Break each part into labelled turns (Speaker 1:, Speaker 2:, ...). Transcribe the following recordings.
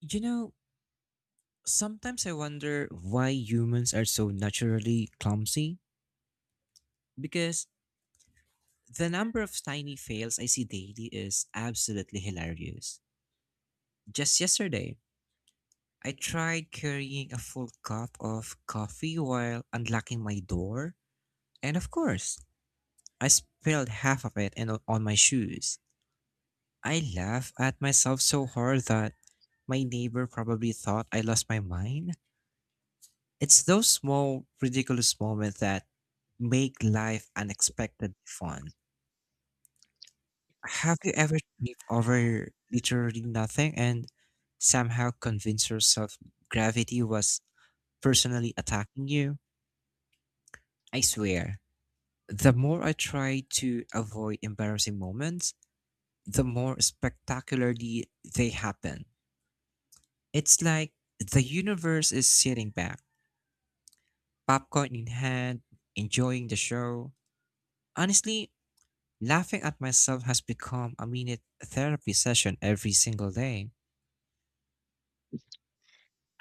Speaker 1: You know, sometimes I wonder why humans are so naturally clumsy because the number of tiny fails I see daily is absolutely hilarious. Just yesterday, I tried carrying a full cup of coffee while unlocking my door, and of course, I spilled half of it in, on my shoes. I laugh at myself so hard that my neighbor probably thought I lost my mind. It's those small, ridiculous moments that make life unexpectedly fun. Have you ever tripped over literally nothing and somehow convinced yourself gravity was personally attacking you? I swear, the more I try to avoid embarrassing moments, the more spectacularly they happen. It's like the universe is sitting back, popcorn in hand, enjoying the show. Honestly, laughing at myself has become a mini therapy session every single day.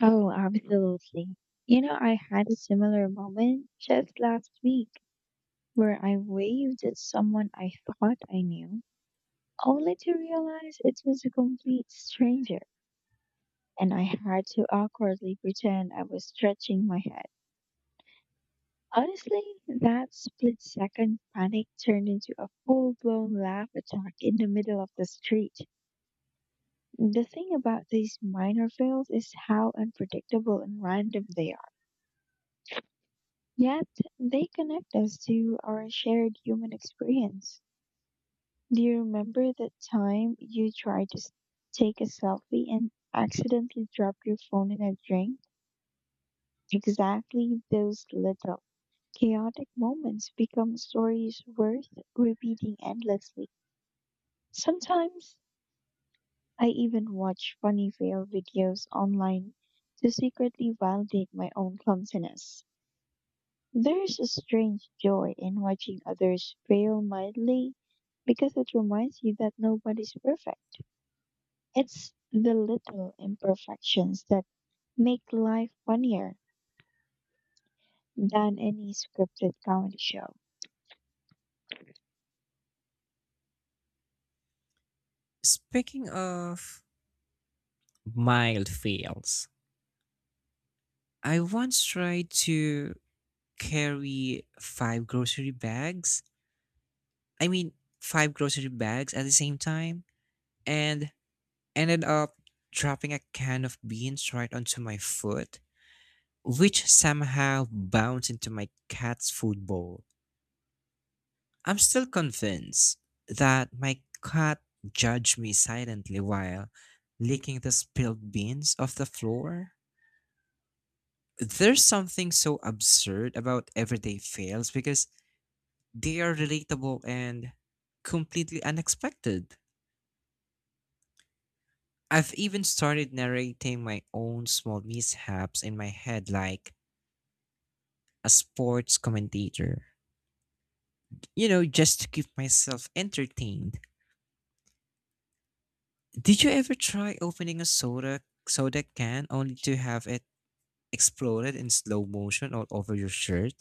Speaker 2: Oh, absolutely. You know, I had a similar moment just last week where I waved at someone I thought I knew, only to realize it was a complete stranger, and I had to awkwardly pretend I was stretching my head. Honestly, that split second panic turned into a full blown laugh attack in the middle of the street. The thing about these minor fails is how unpredictable and random they are. Yet they connect us to our shared human experience. Do you remember the time you take a selfie and accidentally dropped your phone in a drink? Exactly those little chaotic moments become stories worth repeating endlessly. Sometimes I even watch funny fail videos online to secretly validate my own clumsiness. There is a strange joy in watching others fail mildly because it reminds you that nobody's perfect. It's the little imperfections that make life funnier than any scripted comedy show.
Speaker 1: Speaking of mild fails, I once tried to carry five grocery bags. I mean, five grocery bags at the same time and ended up dropping a can of beans right onto my foot, which somehow bounced into my cat's food bowl. I'm still convinced that my cat judged me silently while licking the spilled beans off the floor. There's something so absurd about everyday fails because they are relatable and completely unexpected. I've even started narrating my own small mishaps in my head like a sports commentator, you know, just to keep myself entertained. Did you ever try opening a soda can only to have it exploded in slow motion all over your shirt.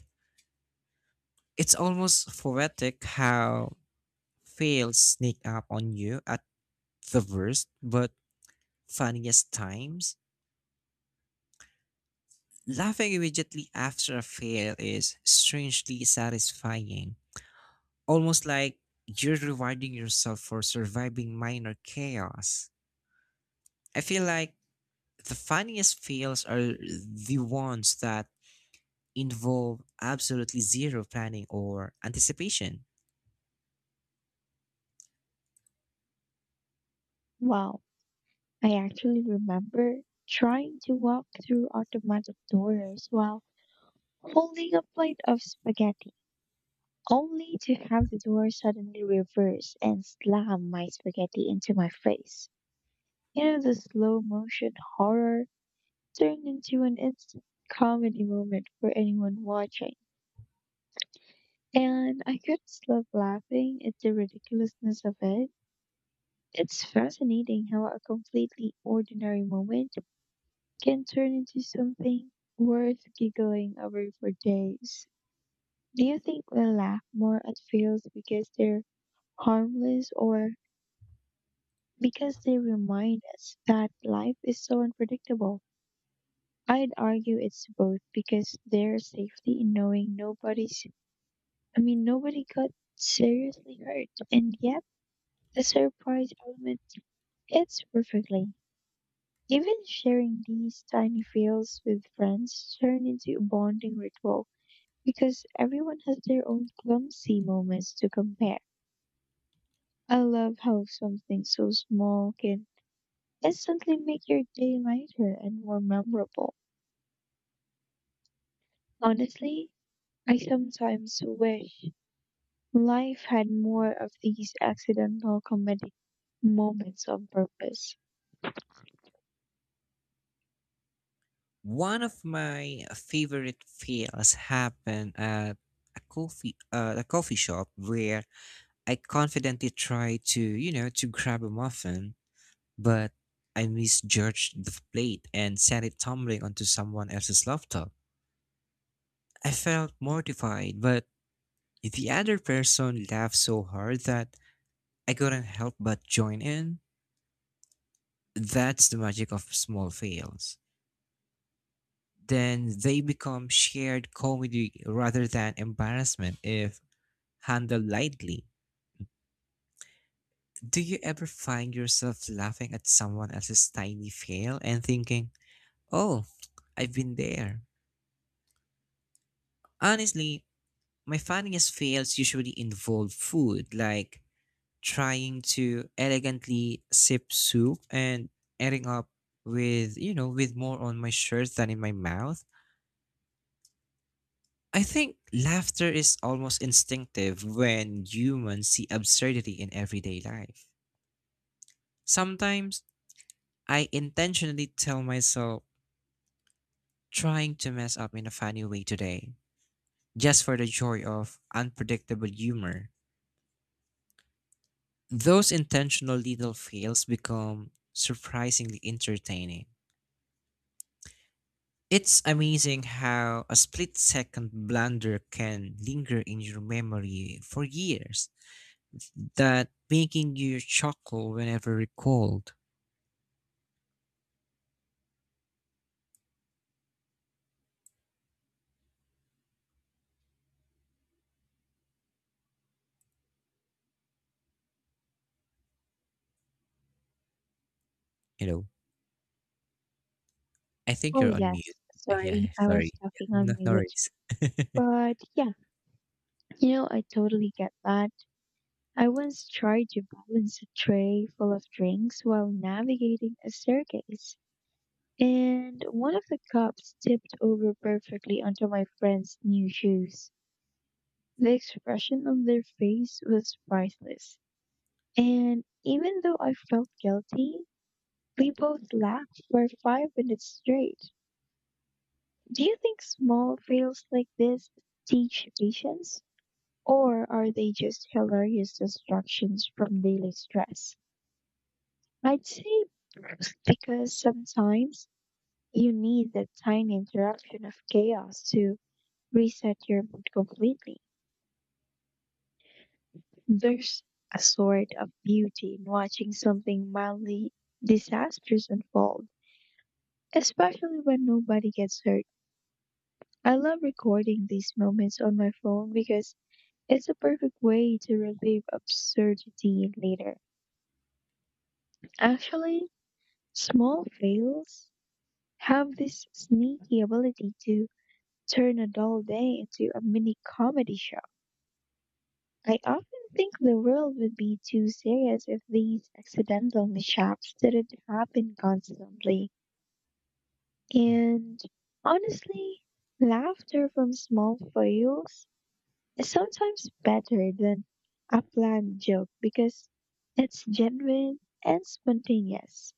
Speaker 1: It's almost poetic how fails sneak up on you at the worst but funniest times. Laughing immediately after a fail is strangely satisfying, almost like you're rewarding yourself for surviving minor chaos. I feel like the funniest fails are the ones that involve absolutely zero planning or anticipation.
Speaker 2: Wow, I actually remember trying to walk through automatic doors while holding a plate of spaghetti, only to have the door suddenly reverse and slam my spaghetti into my face. You know, the slow motion horror turned into an instant comedy moment for anyone watching. And I couldn't stop laughing at the ridiculousness of it. It's fascinating how a completely ordinary moment can turn into something worth giggling over for days. Do you think we laugh more at fails because they're harmless or because they remind us that life is so unpredictable? I'd argue it's both because there's safety in knowing nobody got seriously hurt, and yet the surprise element fits perfectly. Even sharing these tiny fails with friends turn into a bonding ritual because everyone has their own clumsy moments to compare. I love how something so small can instantly make your day lighter and more memorable. Honestly, I sometimes wish life had more of these accidental comedic moments on purpose.
Speaker 1: One of my favorite fails happened at a coffee shop where I confidently tried to, you know, to grab a muffin, but I misjudged the plate and sent it tumbling onto someone else's laptop. I felt mortified, but the other person laughed so hard that I couldn't help but join in. That's the magic of small fails then they become shared comedy rather than embarrassment if handle lightly. Do you ever find yourself laughing at someone else's tiny fail and thinking, oh, I've been there? Honestly, my funniest fails usually involve food, like trying to elegantly sip soup and ending up with, you know, with more on my shirt than in my mouth. I think laughter is almost instinctive when humans see absurdity in everyday life. Sometimes I intentionally tell myself trying to mess up in a funny way today, just for the joy of unpredictable humor. Those intentional little fails become surprisingly entertaining. It's amazing how a split second blunder can linger in your memory for years, that making you chuckle whenever recalled. You know, I think
Speaker 2: Oh,
Speaker 1: you're on mute.
Speaker 2: yes.
Speaker 1: Yeah,
Speaker 2: Sorry,
Speaker 1: yeah,
Speaker 2: I
Speaker 1: sorry.
Speaker 2: was
Speaker 1: Yeah,
Speaker 2: talking
Speaker 1: no,
Speaker 2: on
Speaker 1: no
Speaker 2: mute.
Speaker 1: worries.
Speaker 2: But yeah, you know, I totally get that. I once tried to balance a tray full of drinks while navigating a staircase, and one of the cups tipped over perfectly onto my friend's new shoes. The expression on their face was priceless. And even though I felt guilty, we both laughed for 5 minutes straight. Do you think small fails like this teach patience? Or are they just hilarious distractions from daily stress? I'd say both, because sometimes you need that tiny interruption of chaos to reset your mood completely. There's a sort of beauty in watching something mildly disastrous unfold, especially when nobody gets hurt. I love recording these moments on my phone because it's a perfect way to relive absurdity later. Actually, small fails have this sneaky ability to turn a dull day into a mini comedy show. I often think the world would be too serious if these accidental mishaps didn't happen constantly.
Speaker 1: Mm.
Speaker 2: And honestly, laughter from small fails is sometimes better than a planned joke because it's genuine and spontaneous.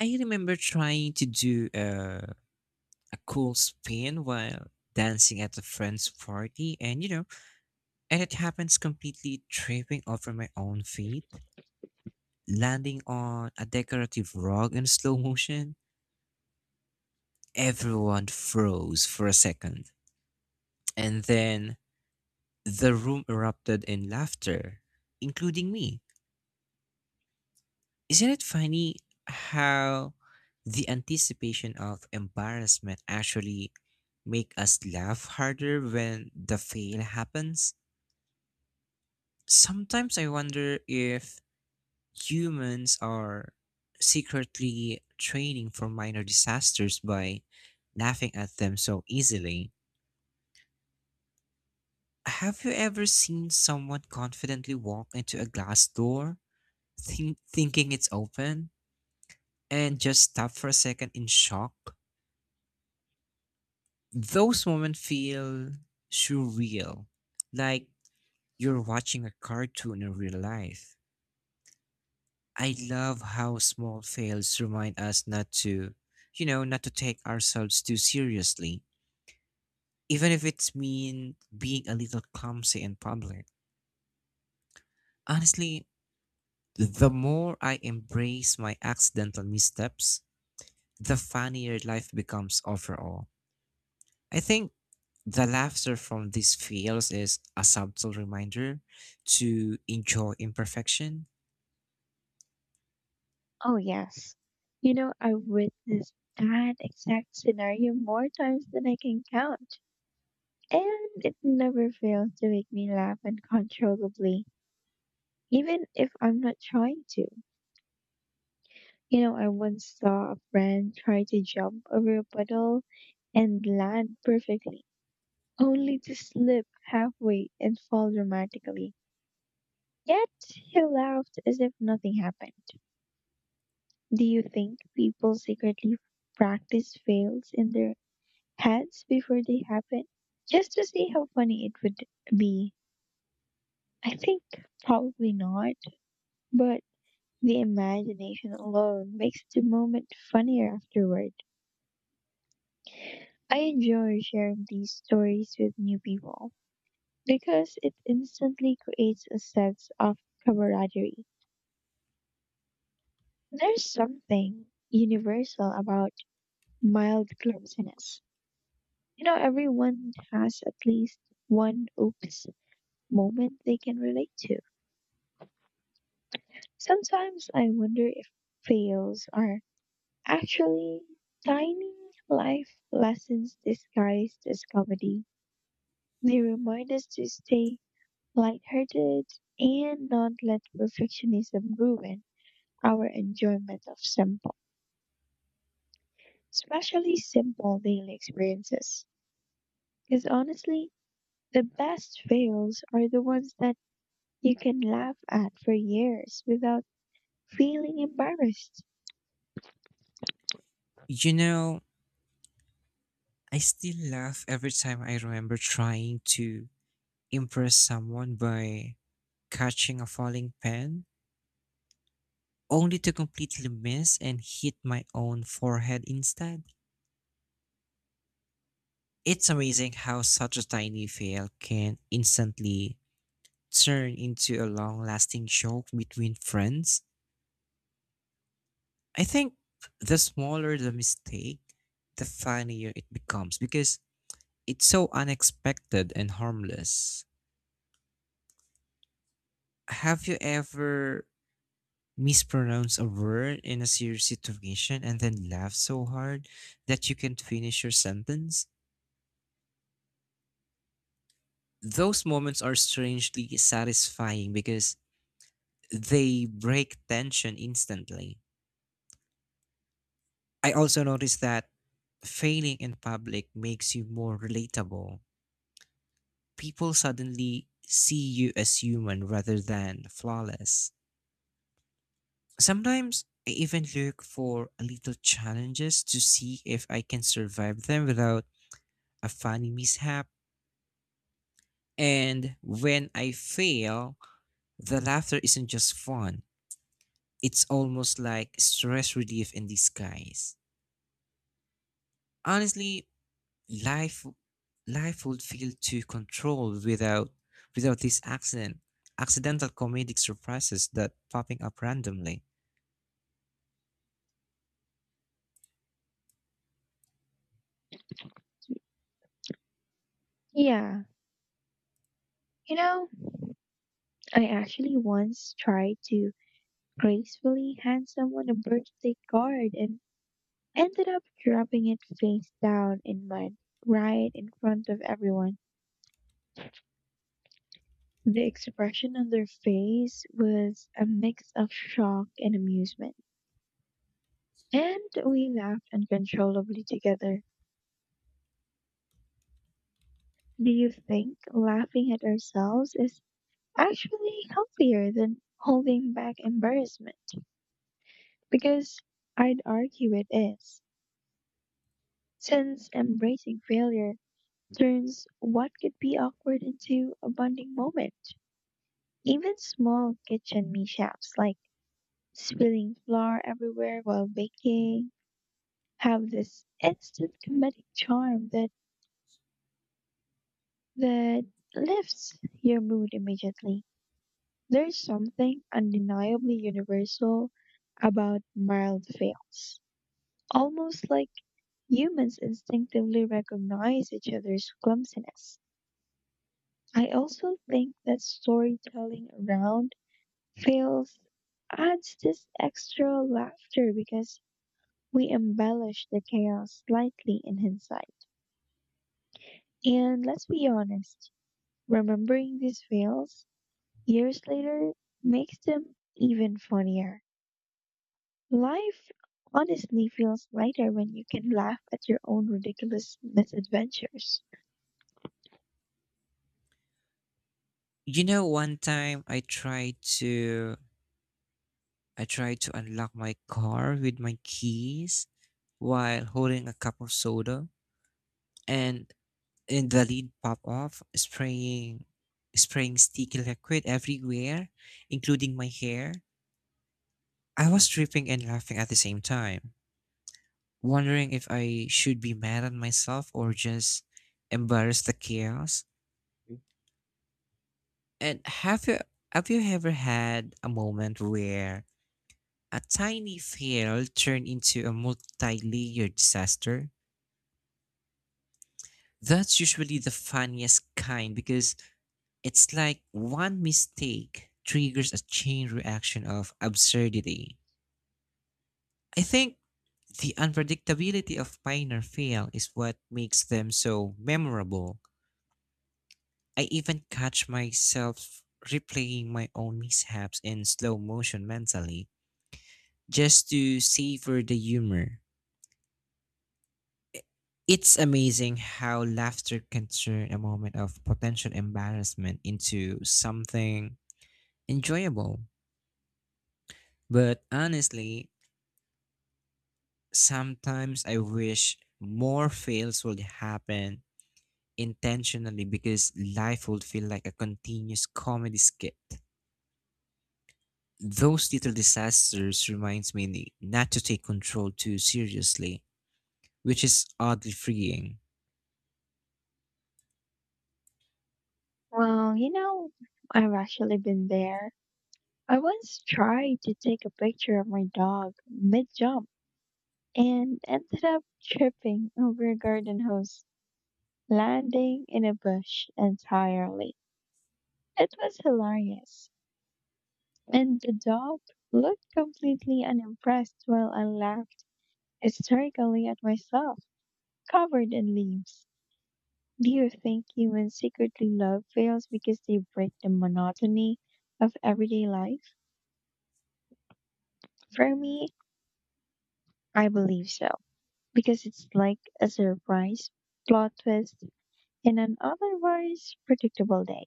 Speaker 1: I remember trying to do a cool spin while dancing at a friend's party, and you know, and it happens completely tripping over my own feet, landing on a decorative rug in slow motion. Everyone froze for a second, and then the room erupted in laughter, including me. Isn't it funny how the anticipation of embarrassment actually make us laugh harder when the fail happens? Sometimes I wonder if humans are secretly training for minor disasters by laughing at them so easily. Have you ever seen someone confidently walk into a glass door, thinking it's open, and just stop for a second in shock? Those moments feel surreal, like you're watching a cartoon in real life. I love how small fails remind us not to, you know, not to take ourselves too seriously, even if it's mean being a little clumsy in public. Honestly, the more I embrace my accidental missteps, the funnier life becomes overall. I think the laughter from these fails is a subtle reminder to enjoy imperfection.
Speaker 2: Oh, yes. You know, I've witnessed that exact scenario more times than I can count, and it never fails to make me laugh uncontrollably, even if I'm not trying to. You know, I once saw a friend try to jump over a puddle and land perfectly, only to slip halfway and fall dramatically. Yet he laughed as if nothing happened. Do you think people secretly practice fails in their heads before they happen? Just to see how funny it would be. I think probably not, but the imagination alone makes the moment funnier afterward. I enjoy sharing these stories with new people because it instantly creates a sense of camaraderie. There's something universal about mild clumsiness. You know, everyone has at least one oops moment they can relate to. Sometimes I wonder if fails are actually tiny life lessons disguised as comedy. They remind us to stay lighthearted and not let perfectionism ruin our enjoyment of simple, especially simple daily experiences. Because honestly, the best fails are the ones that you can laugh at for years without feeling embarrassed.
Speaker 1: You know, I still laugh every time I remember trying to impress someone by catching a falling pen, only to completely miss and hit my own forehead instead. It's amazing how such a tiny fail can instantly turn into a long lasting joke between friends. I think the smaller the mistake, the funnier it becomes because it's so unexpected and harmless. Have you ever mispronounce a word in a serious situation and then laugh so hard that you can't finish your sentence. Those moments are strangely satisfying because they break tension instantly. I also noticed that failing in public makes you more relatable. People suddenly see you as human rather than flawless. Sometimes I even look for little challenges to see if I can survive them without a funny mishap. And when I fail, the laughter isn't just fun, it's almost like stress relief in disguise. Honestly, life life would feel too controlled without this accidental comedic surprises that popping up randomly.
Speaker 2: Yeah, you know, I actually once tried to gracefully hand someone a birthday card and ended up dropping it face down in mud right in front of everyone. The expression on their face was a mix of shock and amusement, and we laughed uncontrollably together. Do you think laughing at ourselves is actually healthier than holding back embarrassment, because I'd argue it is, since embracing failure turns what could be awkward into a bonding moment. Even small kitchen mishaps like spilling flour everywhere while baking have this instant comedic charm that lifts your mood immediately. There's something undeniably universal about mild fails, almost like humans instinctively recognize each other's clumsiness. I also think that storytelling around fails adds this extra laughter because we embellish the chaos slightly in hindsight. And let's be honest, remembering these fails years later makes them even funnier. Life honestly feels lighter when you can laugh at your own ridiculous misadventures.
Speaker 1: You know, one time I tried to unlock my car with my keys while holding a cup of soda and and the lid pop off, spraying sticky liquid everywhere, including my hair. I was tripping and laughing at the same time, wondering if I should be mad at myself or just embarrass the chaos. And have you ever had a moment where a tiny fail turned into a multi-layered disaster? That's usually the funniest kind because it's like one mistake triggers a chain reaction of absurdity. I think the unpredictability of Pioneer Fail is what makes them so memorable. I even catch myself replaying my own mishaps in slow motion mentally just to savor the humor. I- It's amazing how laughter can turn a moment of potential embarrassment into something enjoyable. But honestly, sometimes I wish more fails would happen intentionally because life would feel like a continuous comedy skit. Those little disasters reminds me not to take control too seriously, which is oddly freeing.
Speaker 2: Well, you know, I've actually been there. I once tried to take a picture of my dog mid-jump and ended up tripping over a garden hose, landing in a bush entirely. It was hilarious, and the dog looked completely unimpressed while I laughed hysterically at myself, covered in leaves. Do you think humans secretly love whales because they break the monotony of everyday life? For me, I believe so, because it's like a surprise plot twist in an otherwise predictable day.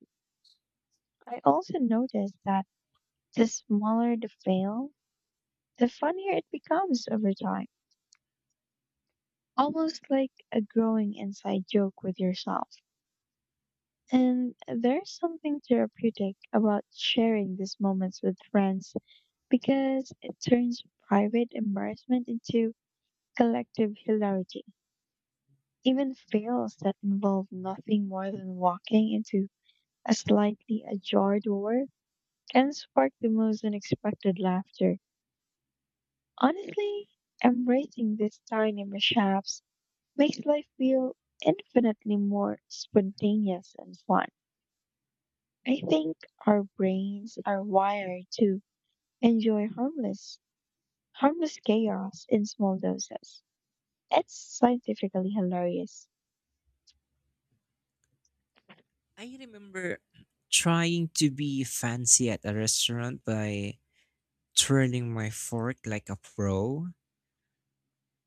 Speaker 2: I also noticed that the smaller the whale, the funnier it becomes over time, almost like a growing inside joke with yourself. And there's something therapeutic about sharing these moments with friends because it turns private embarrassment into collective hilarity. Even fails that involve nothing more than walking into a slightly ajar door can spark the most unexpected laughter. Honestly, embracing these tiny mishaps makes life feel infinitely more spontaneous and fun. I think our brains are wired to enjoy harmless chaos in small doses. It's scientifically hilarious.
Speaker 1: I remember trying to be fancy at a restaurant by twirling my fork like a pro,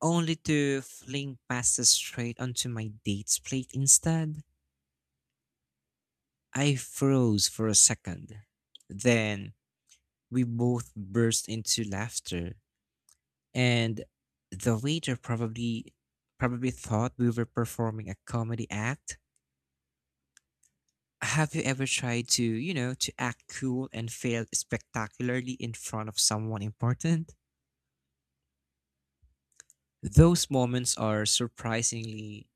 Speaker 1: only to fling pasta straight onto my date's plate instead. I froze for a second. Then we both burst into laughter, and the waiter probably thought we were performing a comedy act. Have you ever tried to, you know, to act cool and failed spectacularly in front of someone important? Those moments are surprisingly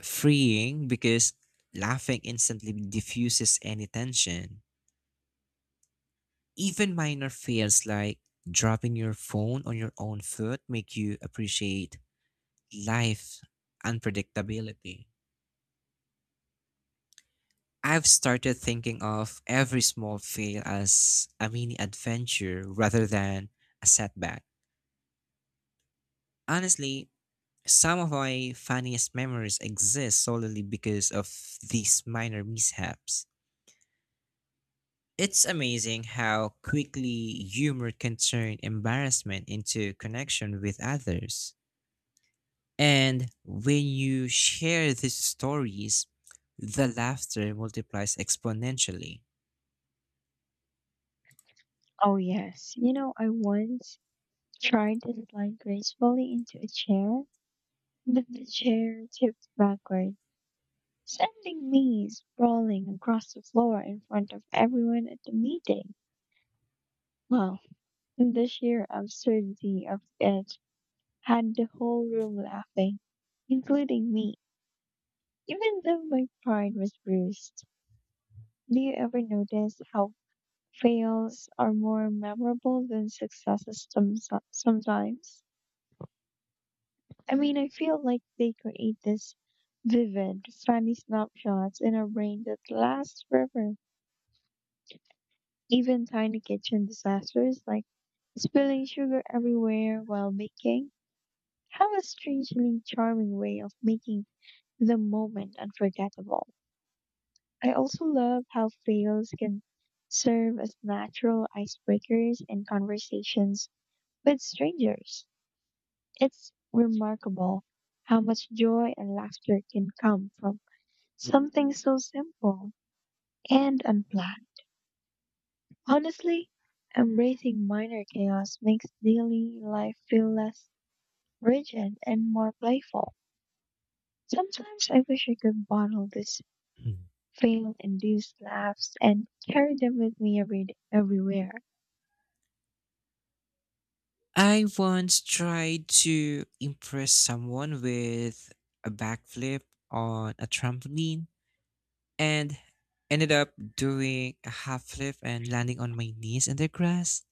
Speaker 1: freeing because laughing instantly diffuses any tension. Even minor fails like dropping your phone on your own foot make you appreciate life unpredictability. I've started thinking of every small fail as a mini adventure rather than a setback. Honestly, some of my funniest memories exist solely because of these minor mishaps. It's amazing how quickly humor can turn embarrassment into connection with others. And when you share these stories, the laughter multiplies exponentially.
Speaker 2: Oh, yes. You know, I once tried to slide gracefully into a chair, but the chair tipped backward, sending me sprawling across the floor in front of everyone at the meeting. Well, the sheer absurdity of it had the whole room laughing, including me, even though my pride was bruised. Do you ever notice how fails are more memorable than successes sometimes. I mean, I feel like they create this vivid, funny snapshots in our brain that last forever. Even tiny kitchen disasters like spilling sugar everywhere while baking have a strangely charming way of making the moment unforgettable. I also love how fails can serve as natural icebreakers in conversations with strangers. It's remarkable how much joy and laughter can come from something so simple and unplanned. Honestly, embracing minor chaos makes daily life feel less rigid and more playful. Sometimes I wish I could bottle these
Speaker 1: Mm.
Speaker 2: fail-induced laughs and carry them with me everywhere.
Speaker 1: I once tried to impress someone with a backflip on a trampoline and ended up doing a half flip and landing on my knees in the grass,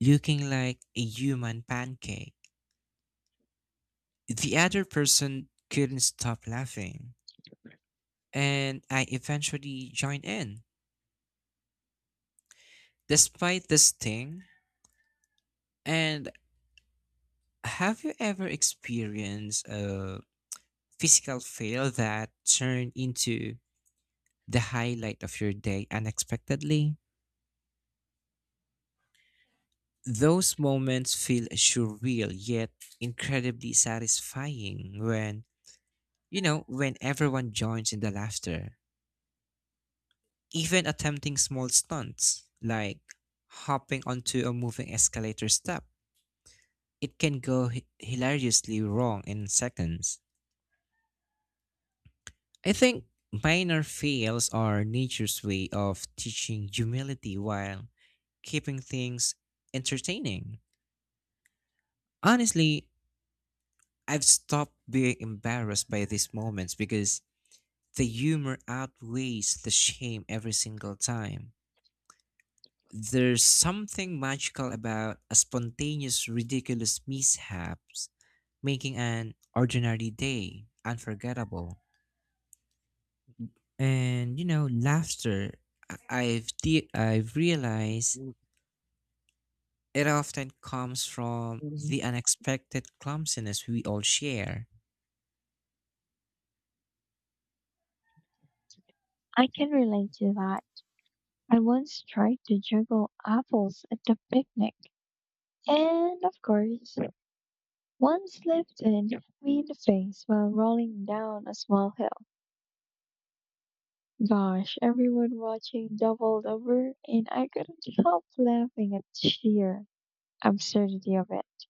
Speaker 1: looking like a human pancake. The other person couldn't stop laughing, and I eventually joined in. Despite this thing, and have you ever experienced a physical fail that turned into the highlight of your day unexpectedly? Those moments feel surreal yet incredibly satisfying when, you know, when everyone joins in the laughter. Even attempting small stunts like hopping onto a moving escalator step, it can go hilariously wrong in seconds. I think minor fails are nature's way of teaching humility while keeping things entertaining. Honestly, I've stopped being embarrassed by these moments because the humor outweighs the shame every single time. There's something magical about a spontaneous, ridiculous mishaps, making an ordinary day unforgettable. And you know, laughter I've realized it often comes from
Speaker 2: Mhm.
Speaker 1: the unexpected clumsiness we all share.
Speaker 2: I can relate to that. I once tried to juggle apples at the picnic and, of course, one slipped and hit me in the face while rolling down a small hill. Gosh, everyone watching doubled over and I couldn't help laughing at the sheer absurdity of it.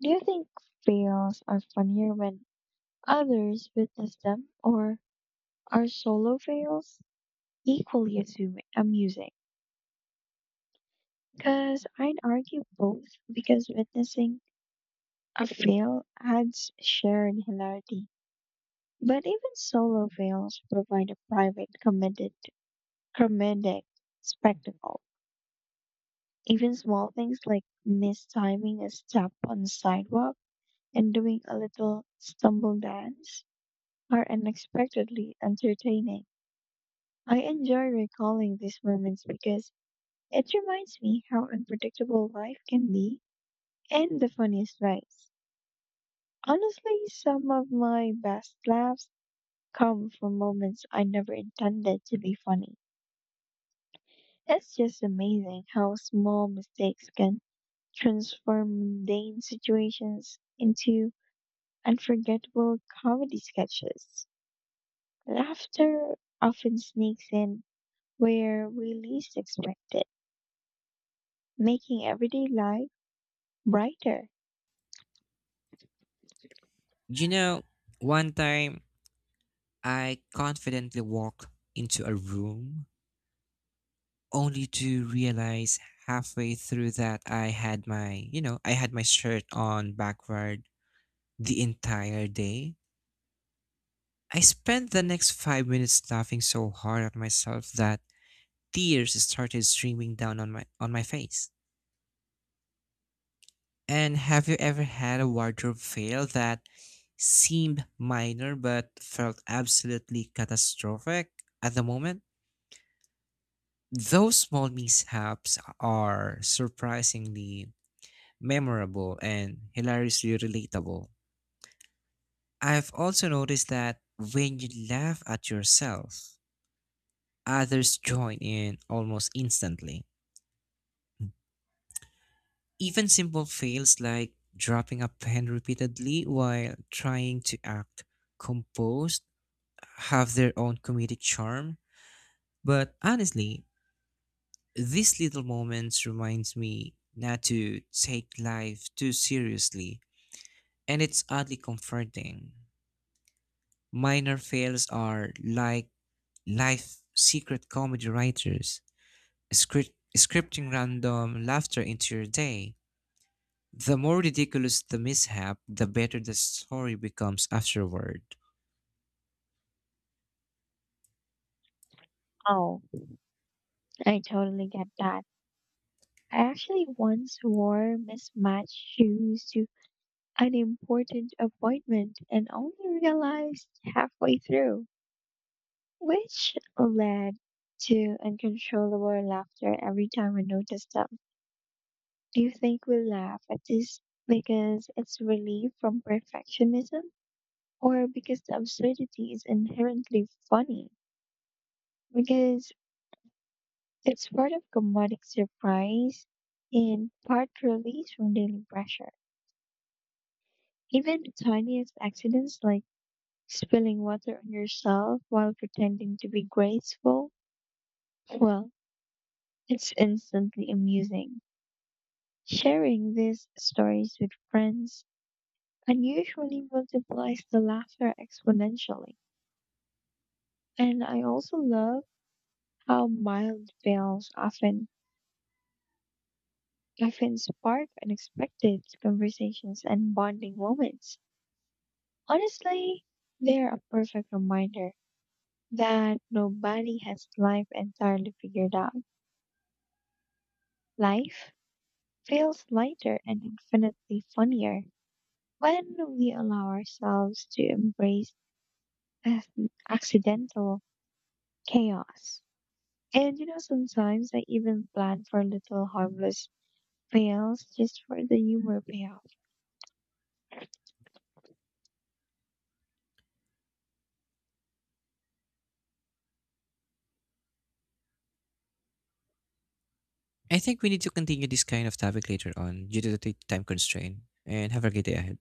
Speaker 2: Do you think fails are funnier when others witness them or are solo fails equally amusing? Because I'd argue both, because witnessing a veil adds shared hilarity, but even solo veils provide a private, committed, comedic spectacle. Even small things like mistiming a step on the sidewalk and doing a little stumble dance are unexpectedly entertaining. I enjoy recalling these moments because it reminds me how unpredictable life can be in the funniest ways. Honestly, some of my best laughs come from moments I never intended to be funny. It's just amazing how small mistakes can transform mundane situations into unforgettable comedy sketches. Laughter often sneaks in where we least expect it, making everyday life brighter.
Speaker 1: You know, one time I confidently walked into a room only to realize halfway through that I had my, you know, I had my shirt on backward the entire day. I spent the next 5 minutes laughing so hard at myself that tears started streaming down on my face. And have you ever had a wardrobe fail that seemed minor but felt absolutely catastrophic at the moment? Those small mishaps are surprisingly memorable and hilariously relatable. I've also noticed that when you laugh at yourself, others join in almost instantly. Even simple fails like dropping a pen repeatedly while trying to act composed have their own comedic charm. But honestly, these little moments reminds me not to take life too seriously, and it's oddly comforting. Minor fails are like life secret comedy writers, scripting random laughter into your day. The more ridiculous the mishap, the better the story becomes afterward.
Speaker 2: Oh, I totally get that. I actually once wore mismatched shoes to an important appointment and only realized halfway through, which led to uncontrollable laughter every time I noticed them. Do you think we laugh at this because it's relief from perfectionism or because the absurdity is inherently funny? Because it's part of comedic surprise and part release from daily pressure. Even the tiniest accidents like spilling water on yourself while pretending to be graceful? Well, it's instantly amusing. Sharing these stories with friends unusually multiplies the laughter exponentially. And I also love how mild fails often spark unexpected conversations and bonding moments. Honestly, they're a perfect reminder that nobody has life entirely figured out. Life feels lighter and infinitely funnier when we allow ourselves to embrace accidental chaos. And you know, sometimes I even plan for little harmless fails just for the humor payoff.
Speaker 1: I think we need to continue this kind of topic later on due to the time constraint. And have a great day ahead.